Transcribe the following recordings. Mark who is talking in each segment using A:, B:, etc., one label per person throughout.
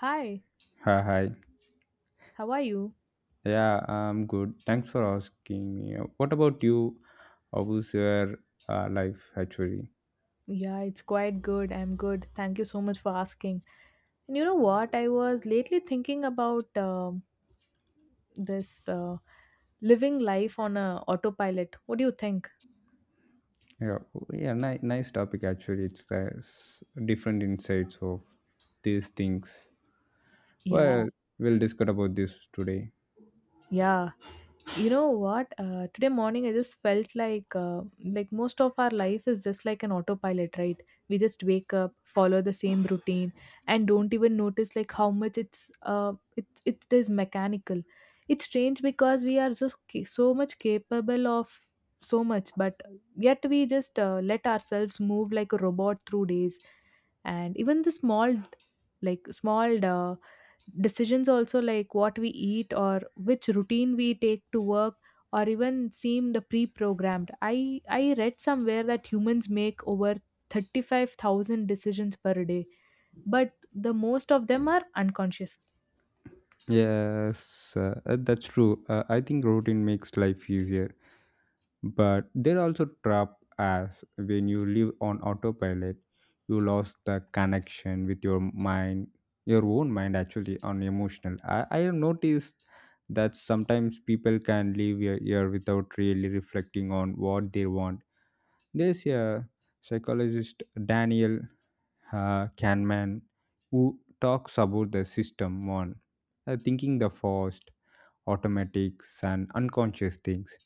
A: Hi,
B: Hi.
A: how are you?
B: Yeah, I'm good. Thanks for asking me. What about you? How was your life actually?
A: Yeah, it's quite good. I'm good. Thank you so much for asking. And you know what? I was lately thinking about this living life on a autopilot. What do you think?
B: Yeah, yeah, nice topic actually. It's the different insights of these things.
A: Yeah,
B: Well, we'll discuss about this today.
A: yeah. You know what? Today morning, I just felt like most of our life is just like an autopilot, right? We just wake up, follow the same routine, and don't even notice like how much it is mechanical. It's strange because we are so so much capable of so much, but yet we just let ourselves move like a robot through days, and even the small like small decisions also like what we eat or which routine we take to work or even seemed pre-programmed. I read somewhere that humans make over 35,000 decisions per day, but the most of them are unconscious.
B: Yes, that's true. I think routine makes life easier. But there are also trap as when you live on autopilot, you lost the connection with your mind, your own mind actually on emotional. I have noticed that sometimes people can live a year without really reflecting on what they want. There's a psychologist Daniel Kahneman who talks about the system one, thinking the fast, automatics and unconscious things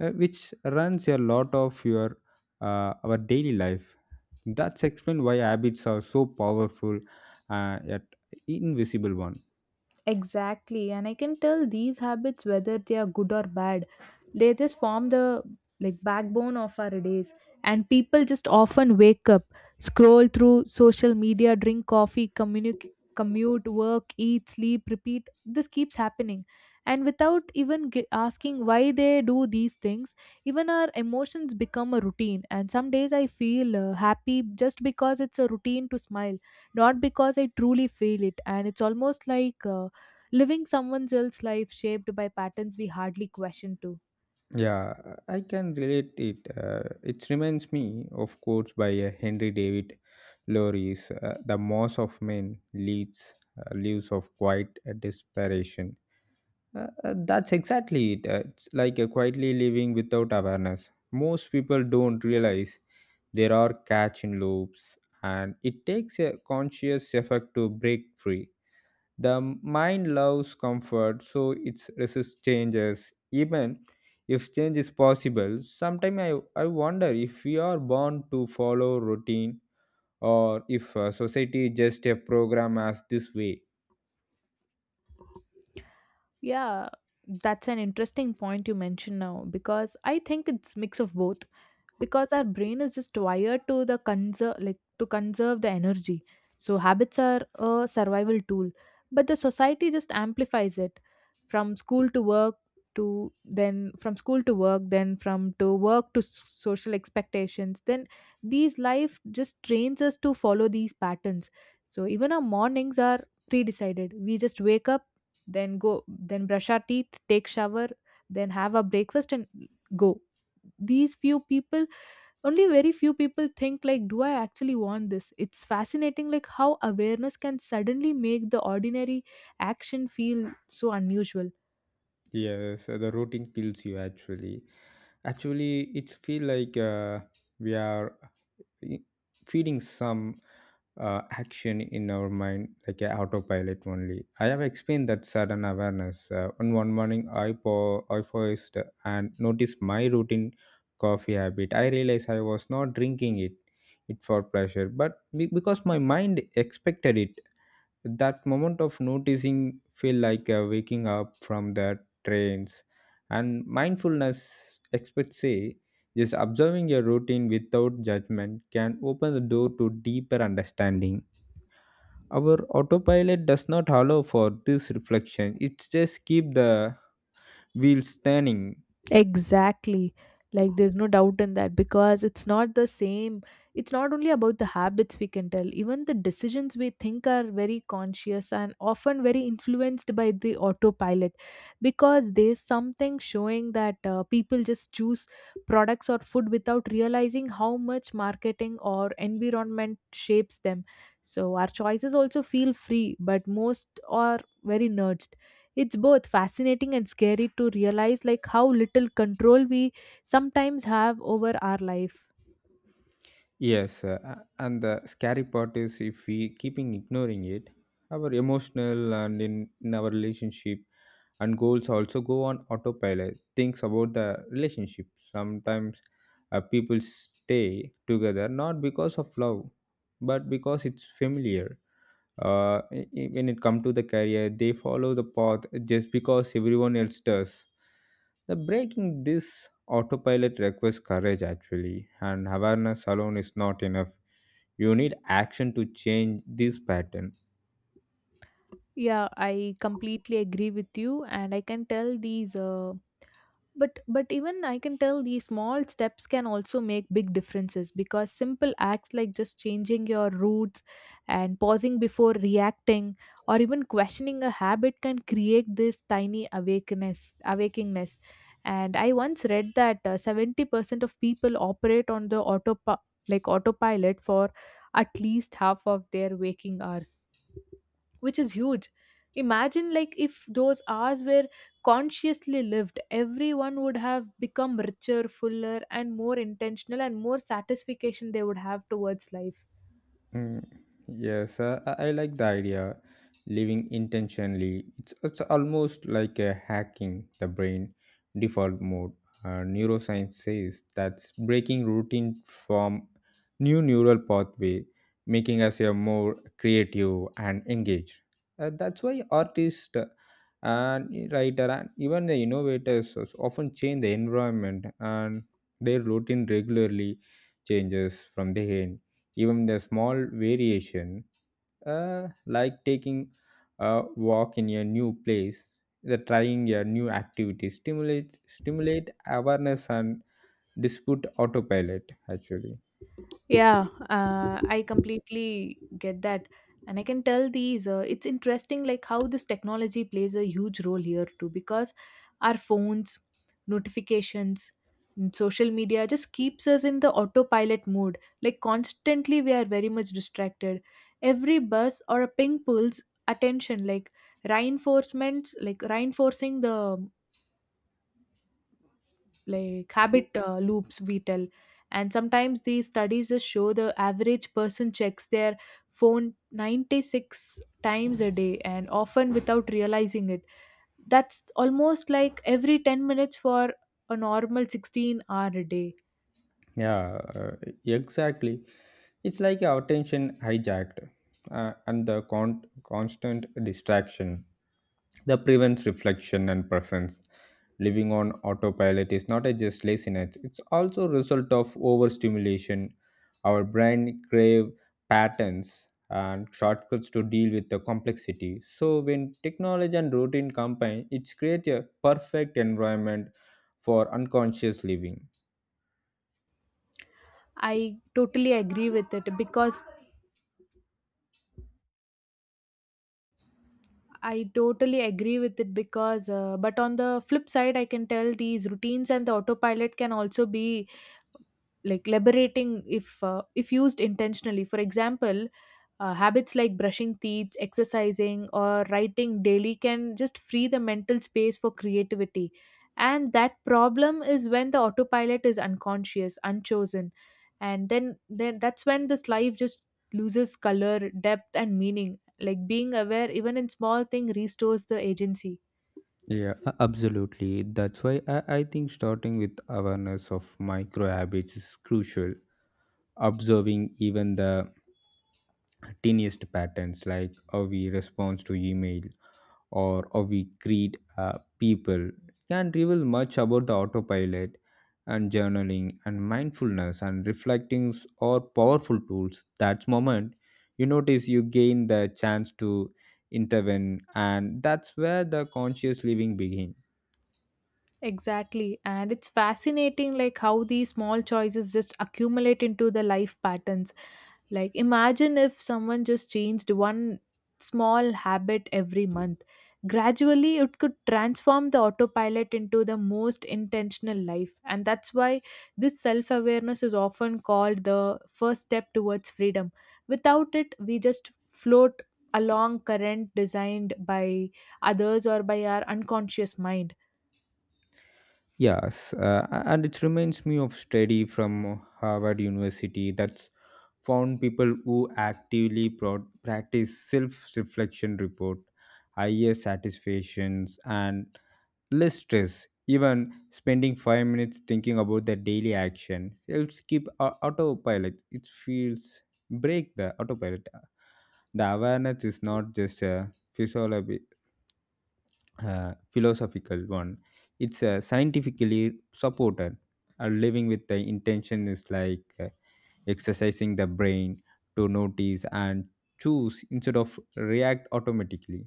B: which runs a lot of your our daily life. That's explain why habits are so powerful yet invisible one.
A: Exactly, and I can tell these habits, whether they are good or bad, they just form the like backbone of our days, and people just often wake up, scroll through social media, drink coffee, commute, work, eat, sleep, repeat. This keeps happening, and without even asking why they do these things, even our emotions become a routine. And some days I feel happy just because it's a routine to smile, not because I truly feel it. And it's almost like living someone else's life shaped by patterns we hardly question too.
B: Yeah, I can relate it. It reminds me, of quotes by Henry David Lorre's "The Moss of Men Leads Leaves of Quiet Desperation." That's exactly it. It's like a quietly living without awareness. Most people don't realize there are catch in loops, and it takes a conscious effort to break free. The mind loves comfort, so it resists changes, even if change is possible. Sometimes I wonder if we are born to follow routine or if society just a program as this way.
A: Yeah, that's an interesting point you mentioned now because I think it's mix of both, because our brain is just wired to the conserve like to conserve the energy, so habits are a survival tool, but the society just amplifies it. From school to work, to then from school to work, then from to work to social expectations, then these life just trains us to follow these patterns. So even our mornings are pre-decided. We just wake up, then go, then brush our teeth, take shower, then have our breakfast and go. These few people, only very few people think like, do I actually want this? It's fascinating like how awareness can suddenly make the ordinary action feel so unusual.
B: Yes, the routine kills you actually. Actually, it's feel like we are i- feeding some action in our mind, like a autopilot only. I have explained that sudden awareness. On one morning, I paused and noticed my routine coffee habit. I realized I was not drinking it, it for pleasure, but because my mind expected it. That moment of noticing feel like waking up from the trance. And mindfulness experts say just observing your routine without judgment can open the door to deeper understanding. Our autopilot does not allow for this reflection. It just keep the wheels turning.
A: Exactly. Like there's no doubt in that because it's not the same. It's not only about the habits we can tell, even the decisions we think are very conscious and often very influenced by the autopilot because there's something showing that people just choose products or food without realizing how much marketing or environment shapes them. So our choices also feel free, but most are very nudged. It's both fascinating and scary to realize like how little control we sometimes have over our life.
B: Yes, and the scary part is if we keeping ignoring it, our emotional and in our relationship and goals also go on autopilot. Thinks about the relationship. Sometimes people stay together not because of love, but because it's familiar. When it comes to the career, they follow the path just because everyone else does. The breaking this autopilot requires courage actually, and awareness alone is not enough. You need action to change this pattern.
A: Yeah, I completely agree with you, and I can tell these but even I can tell these small steps can also make big differences because simple acts like just changing your routes and pausing before reacting or even questioning a habit can create this tiny awakeness awakingness. And I once read that 70% of people operate on the auto like autopilot for at least half of their waking hours, which is huge. Imagine like if those hours were consciously lived, everyone would have become richer, fuller, and more intentional, and more satisfaction they would have towards life.
B: Mm, yes, I like the idea. Living intentionally, it's almost like a hacking the brain default mode. Neuroscience says that's breaking routine from new neural pathway, making us a more creative and engaged. That's why artists and writer and even the innovators is often change the environment and their routine regularly changes from the end. Even the small variation, like taking a walk in a new place, the trying a new activity, stimulate awareness and dispute autopilot actually.
A: Yeah, I completely get that. And I can tell these, it's interesting like how this technology plays a huge role here too, because our phones, notifications, and social media just keeps us in the autopilot mode. Like constantly we are very much distracted. Every buzz or a ping pulls attention, like reinforcements, like reinforcing the like habit loops we tell. And sometimes these studies just show the average person checks their phone 96 times a day and often without realizing it. That's almost like every 10 minutes for a normal 16 hour a day.
B: Yeah, exactly. It's like our attention hijacked, and the constant distraction that prevents reflection and presence. Living on autopilot is not a just laziness; it's also a result of overstimulation. Our brain crave patterns and shortcuts to deal with the complexity. So when technology and routine combine, it creates a perfect environment for unconscious living.
A: i totally agree with it because I totally agree with it because, but on the flip side, I can tell these routines and the autopilot can also be like liberating if used intentionally. For example, habits like brushing teeth, exercising, or writing daily can just free the mental space for creativity. And that problem is when the autopilot is unconscious, unchosen. And then that's when this life just loses color, depth, and meaning. Like being aware, even in small thing, restores the agency.
B: Yeah, absolutely. That's why I think starting with awareness of micro habits is crucial. Observing even the tiniest patterns, like how we respond to email or how we greet people, can reveal much about the autopilot. And journaling and mindfulness and reflectings are powerful tools. That moment, you notice you gain the chance to intervene, and that's where the conscious living begins.
A: Exactly. And it's fascinating like how these small choices just accumulate into the life patterns. Like, imagine if someone just changed one small habit every month. Gradually, it could transform the autopilot into the most intentional life. And that's why this self awareness is often called the first step towards freedom. Without it, we just float along current designed by others or by our unconscious mind.
B: Yes, and it reminds me of study from Harvard University that's found people who actively practice self-reflection report higher satisfactions and less stress. Even spending 5 minutes thinking about their daily action helps keep autopilot. It feels break the autopilot. The awareness is not just a physiology philosophical one. It's scientifically supported. Uh, living with the intention is like exercising the brain to notice and choose instead of react automatically.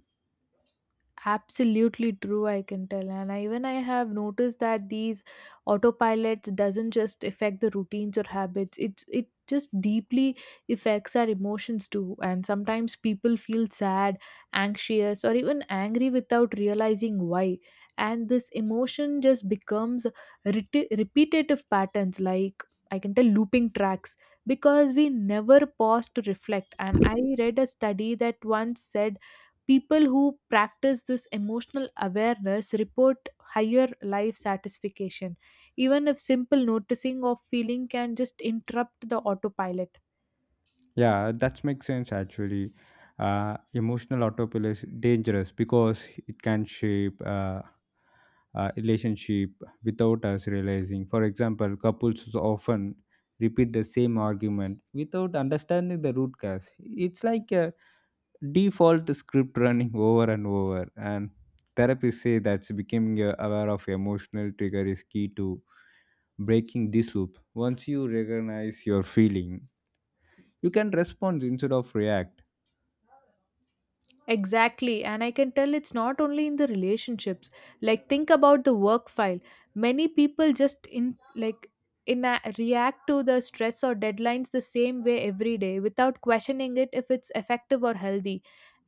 A: Absolutely true, I can tell. Even I have noticed that these autopilots doesn't just affect the routines or habits. It just deeply affects our emotions too, and sometimes people feel sad, anxious, or even angry without realizing why. And this emotion just becomes repetitive patterns, like I can tell looping tracks, because we never pause to reflect. And I read a study that once said people who practice this emotional awareness report higher life satisfaction, even if simple noticing of feeling can just interrupt the autopilot.
B: Yeah, that makes sense actually. Emotional autopilot is dangerous because it can shape relationship without us realizing. For example, couples often repeat the same argument without understanding the root cause. It's like a default script running over and over. And therapists say that becoming aware of emotional trigger is key to breaking this loop. Once you recognize your feeling, you can respond instead of react.
A: Exactly, and I can tell it's not only in the relationships. Like think about the work file. Many people just in react to the stress or deadlines the same way every day without questioning it if it's effective or healthy.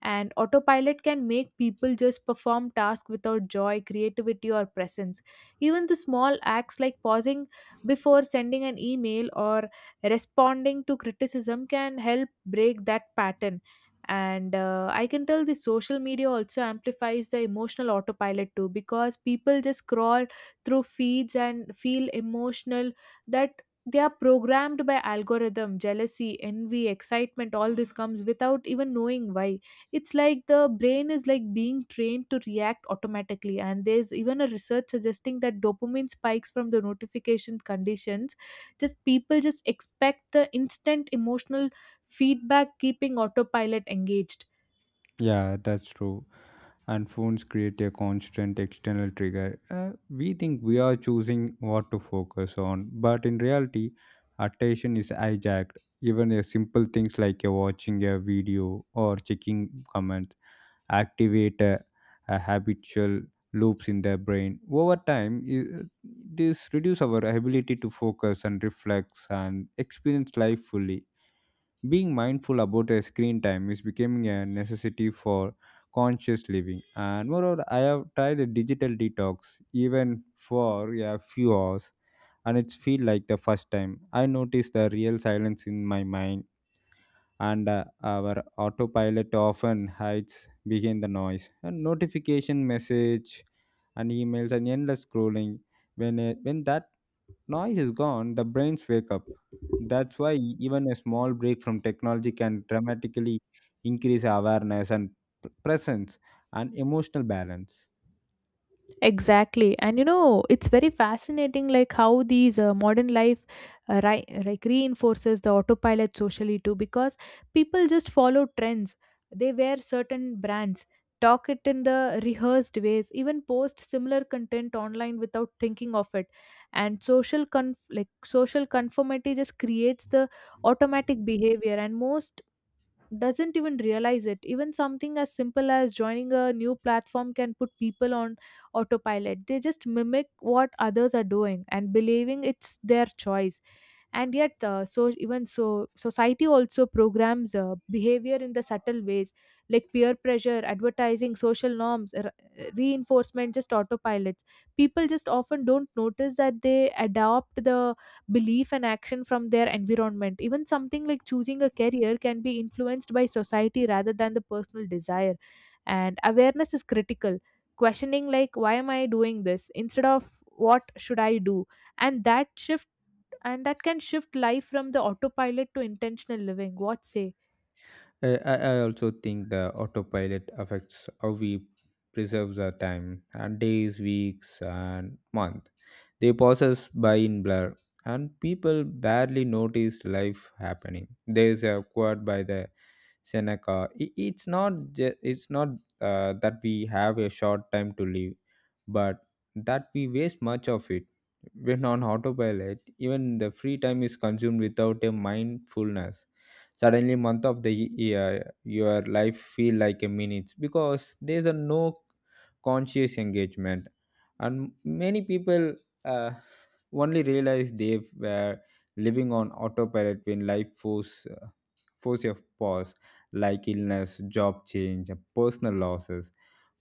A: And autopilot can make people just perform tasks without joy, creativity, or presence. Even the small acts like pausing before sending an email or responding to criticism can help break that pattern. And I can tell the social media also amplifies the emotional autopilot too, because people just scroll through feeds and feel emotional that they are programmed by algorithm: jealousy, envy, excitement, all this comes without even knowing why. It's like the brain is like being trained to react automatically. And there's even a research suggesting that dopamine spikes from the notification conditions, just people just expect the instant emotional feedback keeping autopilot engaged.
B: Yeah, that's true. And phones create a constant external trigger. Uh, we think we are choosing what to focus on, but in reality, attention is hijacked. Even a simple things like watching a video or checking comments activate habitual loops in their brain. Over time, this reduce our ability to focus and reflect and experience life fully. Being mindful about our screen time is becoming a necessity for conscious living. And moreover, I have tried a digital detox even for a few hours, and it's feel like the first time I noticed the real silence in my mind. And our autopilot often hides behind the noise and notification message and emails and endless scrolling. When that noise is gone, the brains wake up. That's why even a small break from technology can dramatically increase awareness and presence and emotional balance.
A: Exactly. And you know, it's very fascinating like how these modern life like reinforces the autopilot socially too, because people just follow trends. They wear certain brands, talk it in the rehearsed ways, even post similar content online without thinking of it. And like social conformity just creates the automatic behavior, and most doesn't even realize it. Even something as simple as joining a new platform can put people on autopilot. They just mimic what others are doing and believing it's their choice. And yet so even so society also programs behavior in the subtle ways, like peer pressure, advertising, social norms, reinforcement just autopilots. People just often don't notice that they adopt the belief and action from their environment. Even something like choosing a career can be influenced by society rather than the personal desire. And awareness is critical, questioning like, why am I doing this instead of what should I do? and that shift and that can shift life from the autopilot to intentional living. What say?
B: I, I also think the autopilot affects how we preserve the time and days, weeks, and month. They process by in blur, and people barely notice life happening. They are acquired by the Seneca. It's not it's not that we have a short time to live, but that we waste much of it. When on autopilot, even the free time is consumed without a mindfulness. Suddenly, month of the year, your life feel like a minute because there's a no conscious engagement, and many people uh, only realize they were living on autopilot when life force force your pause, like illness, job change, and personal losses.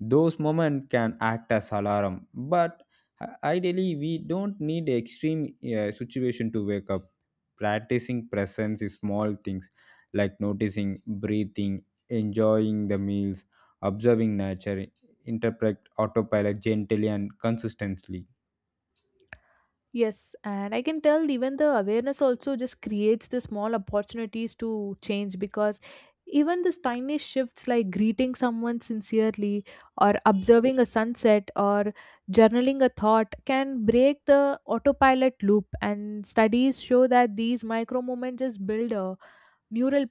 B: Those moments can act as alarm, but ideally, we don't need extreme situation to wake up. Practicing presence is small things like noticing, breathing, enjoying the meals, observing nature, interpret autopilot gently and consistently.
A: Yes, and I can tell even the awareness also just creates the small opportunities to change because even this tiny shifts like greeting someone sincerely or observing a sunset or journaling a thought can break the autopilot loop. And studies show that these micro moments just build a neural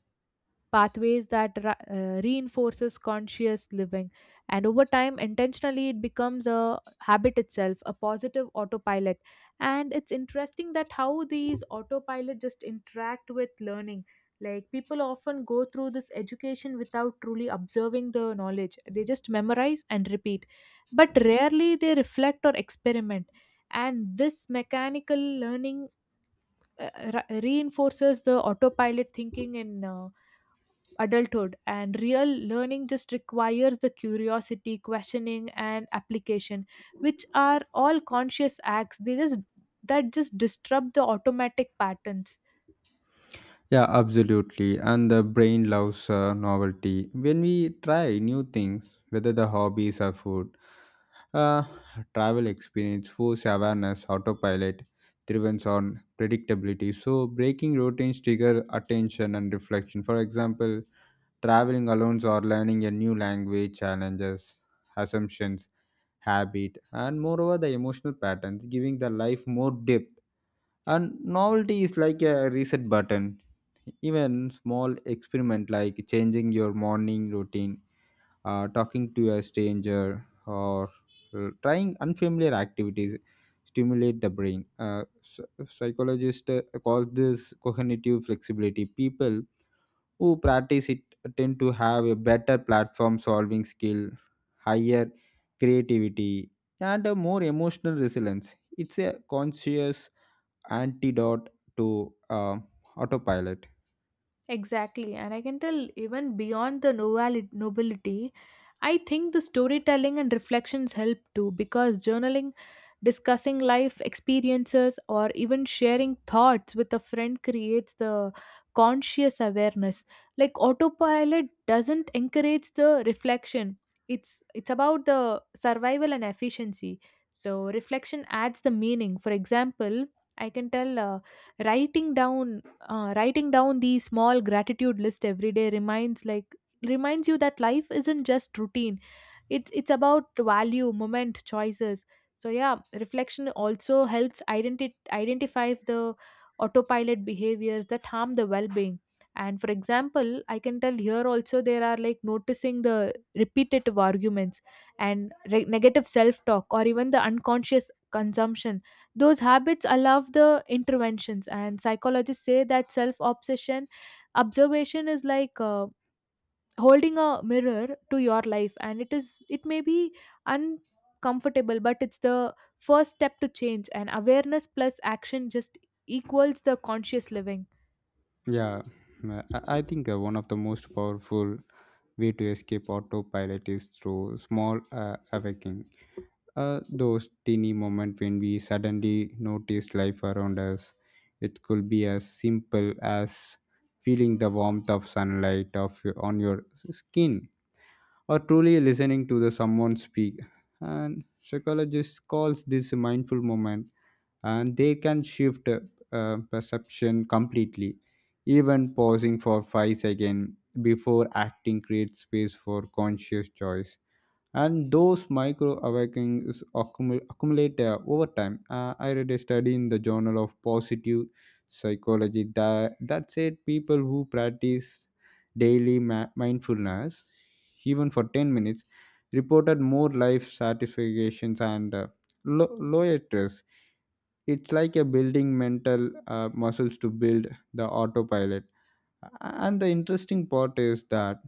A: pathways that reinforces conscious living. And over time intentionally it becomes a habit itself, a positive autopilot. And it's interesting that how these autopilot just interact with learning. Like people often go through this education without truly observing the knowledge. They just memorize and repeat, but rarely they reflect or experiment. And this mechanical learning uh, reinforces the autopilot thinking in adulthood. And real learning just requires the curiosity, questioning, and application, which are all conscious acts. They just that just disrupt the automatic patterns.
B: Yeah, absolutely. And the brain loves novelty. When we try new things, whether the hobbies or food, uh, travel experience, force awareness, autopilot, driven on predictability. So breaking routines trigger attention and reflection. For example, traveling alone or learning a new language challenges assumptions habit and moreover the emotional patterns giving the life more depth. And novelty is like a reset button. Even small experiment like changing your morning routine, talking to a stranger, or trying unfamiliar activities stimulate the brain. Psychologists call this cognitive flexibility. People who practice it tend to have a better platform solving skill, higher creativity, and a more emotional resilience. It's a conscious antidote to autopilot.
A: Exactly, and I can tell even beyond the nobility, I think the storytelling and reflections help too because journaling, discussing life experiences, or even sharing thoughts with a friend creates the conscious awareness. Like autopilot doesn't encourage the reflection. It's about the survival and efficiency. So reflection adds the meaning. For example, I can tell writing down writing down the small gratitude list every day reminds you that life isn't just routine, it's about value moment choices. So yeah, reflection also helps identify the autopilot behaviors that harm the well-being. And for example, I can tell here also, there are like noticing the repetitive arguments and negative self-talk or even the unconscious consumption. Those habits allow the interventions, and psychologists say that self-obsession observation is like holding a mirror to your life, and it may be uncomfortable, but it's the first step to change. And awareness plus action just equals the conscious living.
B: Yeah, I think one of the most powerful way to escape autopilot is through small awakening. Those teeny moments when we suddenly notice life around us. It could be as simple as feeling the warmth of sunlight of on your skin, or truly listening to the someone speak. And psychologists calls this mindful moment, and they can shift perception completely. Even pausing for 5 seconds before acting creates space for conscious choice. And those micro awakenings accumulate over time. Uh, I read a study in the journal of positive psychology that said people who practice daily mindfulness even for 10 minutes reported more life satisfactions and lower stress. It's like a building mental muscles to build the autopilot. And the interesting part is that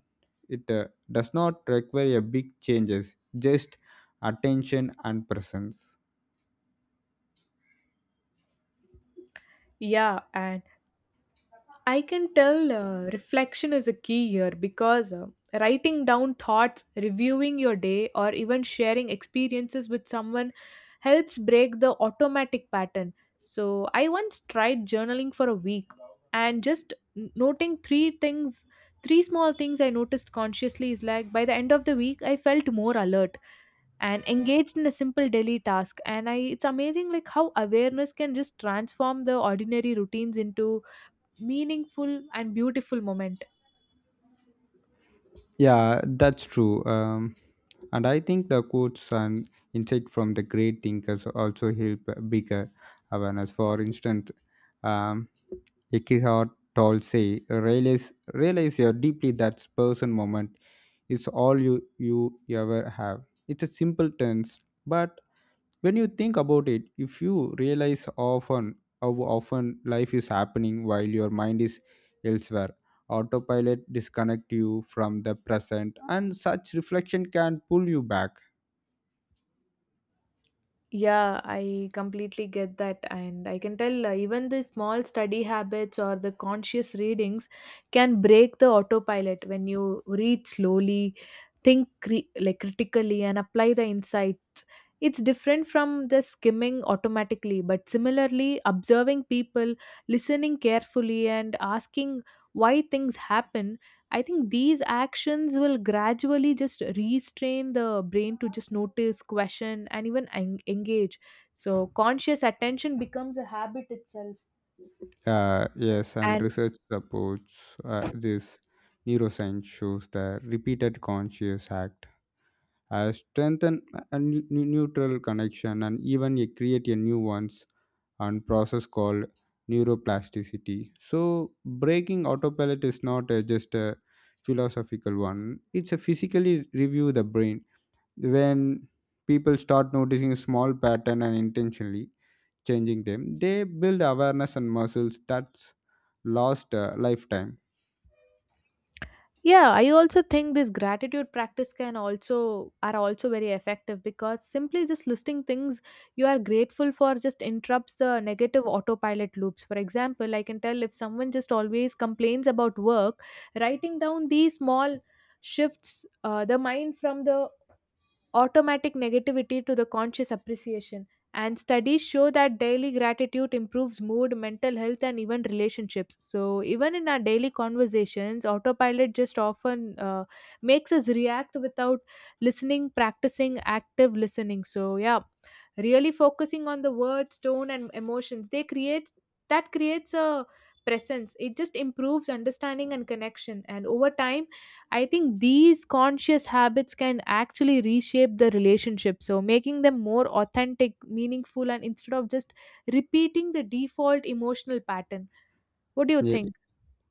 B: it does not require a big changes, just attention and presence.
A: Yeah, and I can tell reflection is a key here because writing down thoughts, reviewing your day, or even sharing experiences with someone helps break the automatic pattern. So, I once tried journaling for a week and just noting three things, three small things I noticed consciously. Is like by the end of the week, I felt more alert and engaged in a simple daily task. And I, it's amazing like how awareness can just transform the ordinary routines into meaningful and beautiful moment.
B: Yeah, that's true. And I think the quotes and insight from the great thinkers also help bigger awareness. For instance, um, Eckhart Tolle say, realize your deeply that person moment is all you ever have. It's a simple tense, but when you think about it, if you realize often how often life is happening while your mind is elsewhere, autopilot disconnect you from the present, and such reflection can pull you back.
A: Yeah, I completely get that. And I can tell even the small study habits or the conscious readings can break the autopilot when you read slowly, think like critically, and apply the insights. It's different from the skimming automatically, but similarly, observing people, listening carefully, and asking why things happen, I think these actions will gradually just restrain the brain to just notice, question, and even engage. So, conscious attention becomes a habit itself.
B: Yes, and research supports this. Neuroscience shows the repeated conscious act strengthen a neutral connection, and even you create a new ones, and process called neuroplasticity. So breaking autopilot is not just a philosophical one, it's a physically review the brain. When people start noticing a small pattern and intentionally changing them, they build awareness and muscles that's lost a lifetime.
A: Yeah, I also think this gratitude practice can also are also very effective because simply just listing things you are grateful for just interrupts the negative autopilot loops. For example, I can tell if someone just always complains about work, writing down these small shifts the mind from the automatic negativity to the conscious appreciation. And studies show that daily gratitude improves mood, mental health, and even relationships. So, even in our daily conversations, autopilot just often makes us react without listening, practicing active listening. So, yeah, really focusing on the words, tone, and emotions, they create that creates a presence. It just improves understanding and connection. And over time, I think these conscious habits can actually reshape the relationship. So, making them more authentic, meaningful, and instead of just repeating the default emotional pattern. What do you
B: Ye-
A: think?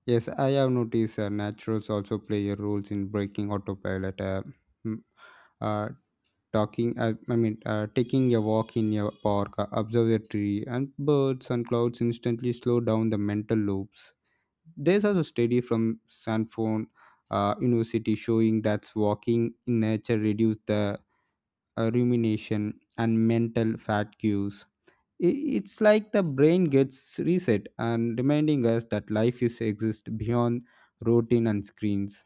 B: yes, I have noticed naturals also play a role in breaking autopilot. Mm, uh, talking I mean Taking a walk in a park, observe a tree and birds and clouds instantly slow down the mental loops. There's also study from Sanford University showing that walking in nature reduces the rumination and mental fatigue. It's like the brain gets reset and reminding us that life is exist beyond routine and screens.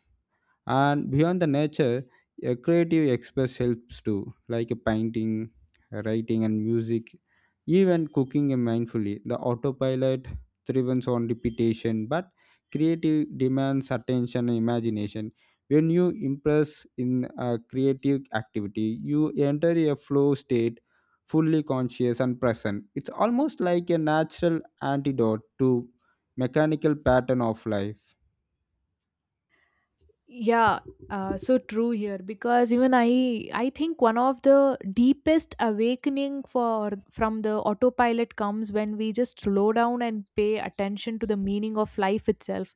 B: And beyond the nature, a creative express helps too, like a painting, writing and music, even cooking mindfully. The autopilot thrives on repetition, but creative demands attention and imagination. When you impress in a creative activity, you enter a flow state, fully conscious and present. It's almost like a natural antidote to mechanical pattern of life.
A: Yeah, so true here, because even I think one of the deepest awakening for from the autopilot comes when we just slow down and pay attention to the meaning of life itself,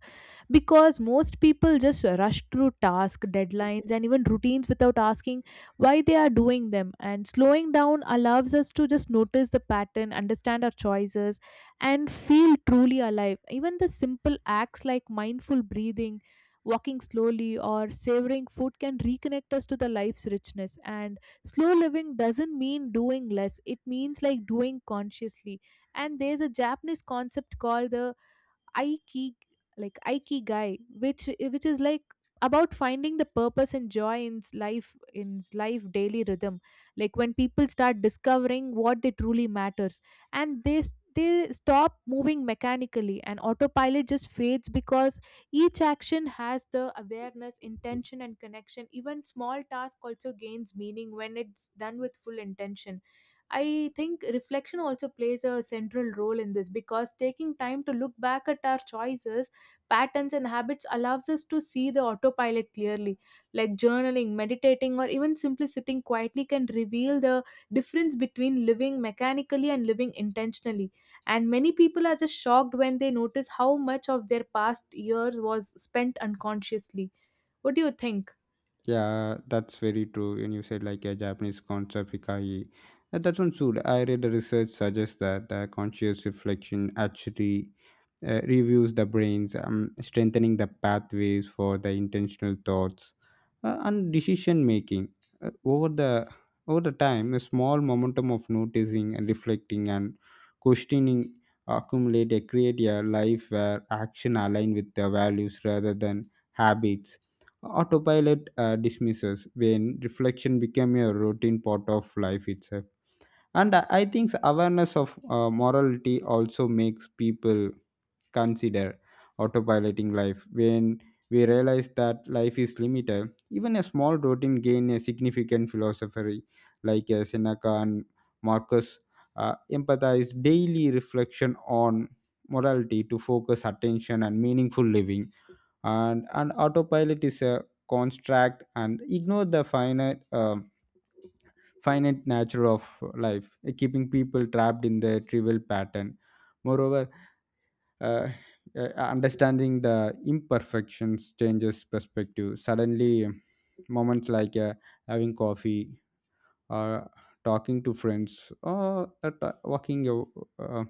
A: because most people just rush through tasks, deadlines, and even routines without asking why they are doing them. And slowing down allows us to just notice the pattern, understand our choices, and feel truly alive. Even the simple acts like mindful breathing, walking slowly, or savoring food can reconnect us to the life's richness. And slow living doesn't mean doing less, it means like doing consciously. And there's a Japanese concept called the aiki aikigai, which which is like about finding the purpose and joy in life daily rhythm. Like when people start discovering what they truly matters, and they s- they stop moving mechanically and autopilot just fades, because each action has the awareness intention and connection. Even small task also gains meaning when it's done with full intention. I think reflection also plays a central role in this because taking time to look back at our choices, patterns, and habits allows us to see the autopilot clearly. Like journaling, meditating, or even simply sitting quietly can reveal the difference between living mechanically and living intentionally. And many people are just shocked when they notice how much of their past years was spent unconsciously. What do you think?
B: Yeah, that's very true. And you said like a Japanese concept, hikai, that sounds good. I read a research suggests that the conscious reflection actually reviews the brains, strengthening the pathways for the intentional thoughts and decision making. Uh, over the time, a small momentum of noticing and reflecting and questioning accumulate a create a life where action align with the values rather than habits. Autopilot dismisses when reflection become a routine part of life itself. And I think awareness of morality also makes people consider autopiloting life. When we realize that life is limited, even a small routine gain a significant philosophy, like Seneca and Marcus empathize daily reflection on morality to focus attention and meaningful living. And autopilot is a construct and ignore the finite finite nature of life, keeping people trapped in their trivial pattern. Moreover, uh, understanding the imperfections changes perspective. Suddenly moments like having coffee or talking to friends or t- walking uh,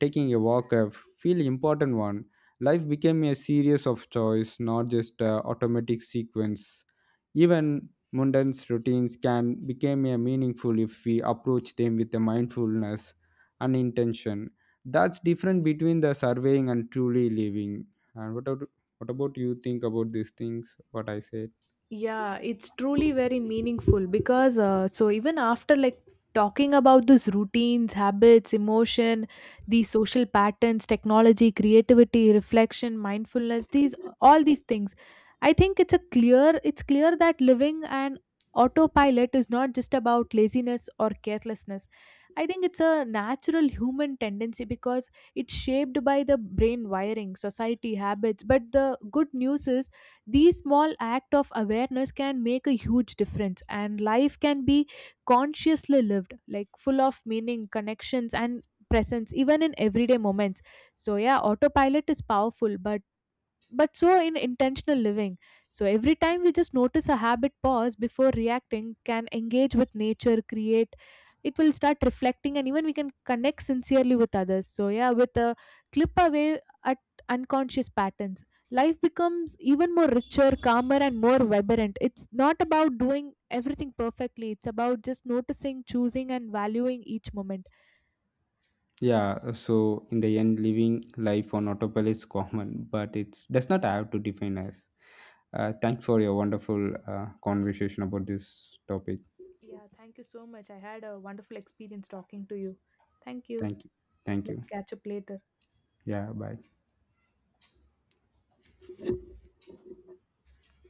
B: taking a walk, I feel important one. Life became a series of choice, not just a automatic sequence. Even mundane routines can become a meaningful if we approach them with a mindfulness and intention. That's different between the surveying and truly living. And what about you think about these things what I said?
A: Yeah, it's truly very meaningful, because so even after like talking about these routines, habits, emotion, these social patterns, technology, creativity, reflection, mindfulness, these all these things, I think it's clear that living an autopilot is not just about laziness or carelessness. I think it's a natural human tendency because it's shaped by the brain wiring, society habits. But the good news is these small act of awareness can make a huge difference, and life can be consciously lived, like full of meaning, connections and presence even in everyday moments. So yeah, autopilot is powerful, but so in intentional living. So every time we just notice a habit, pause before reacting, can engage with nature, create, it will start reflecting, and even we can connect sincerely with others. So yeah, with a clip away at unconscious patterns, life becomes even more richer, calmer and more vibrant. It's not about doing everything perfectly, it's about just noticing, choosing and valuing each moment.
B: Yeah, so in the end, living life on autopilot is common, but it does not have to define us. Thanks for your wonderful conversation about this topic.
A: Yeah, thank you so much. I had a wonderful experience talking to you. Thank you.
B: Thank you. Thank you.
A: Let's catch up later.
B: Yeah, bye.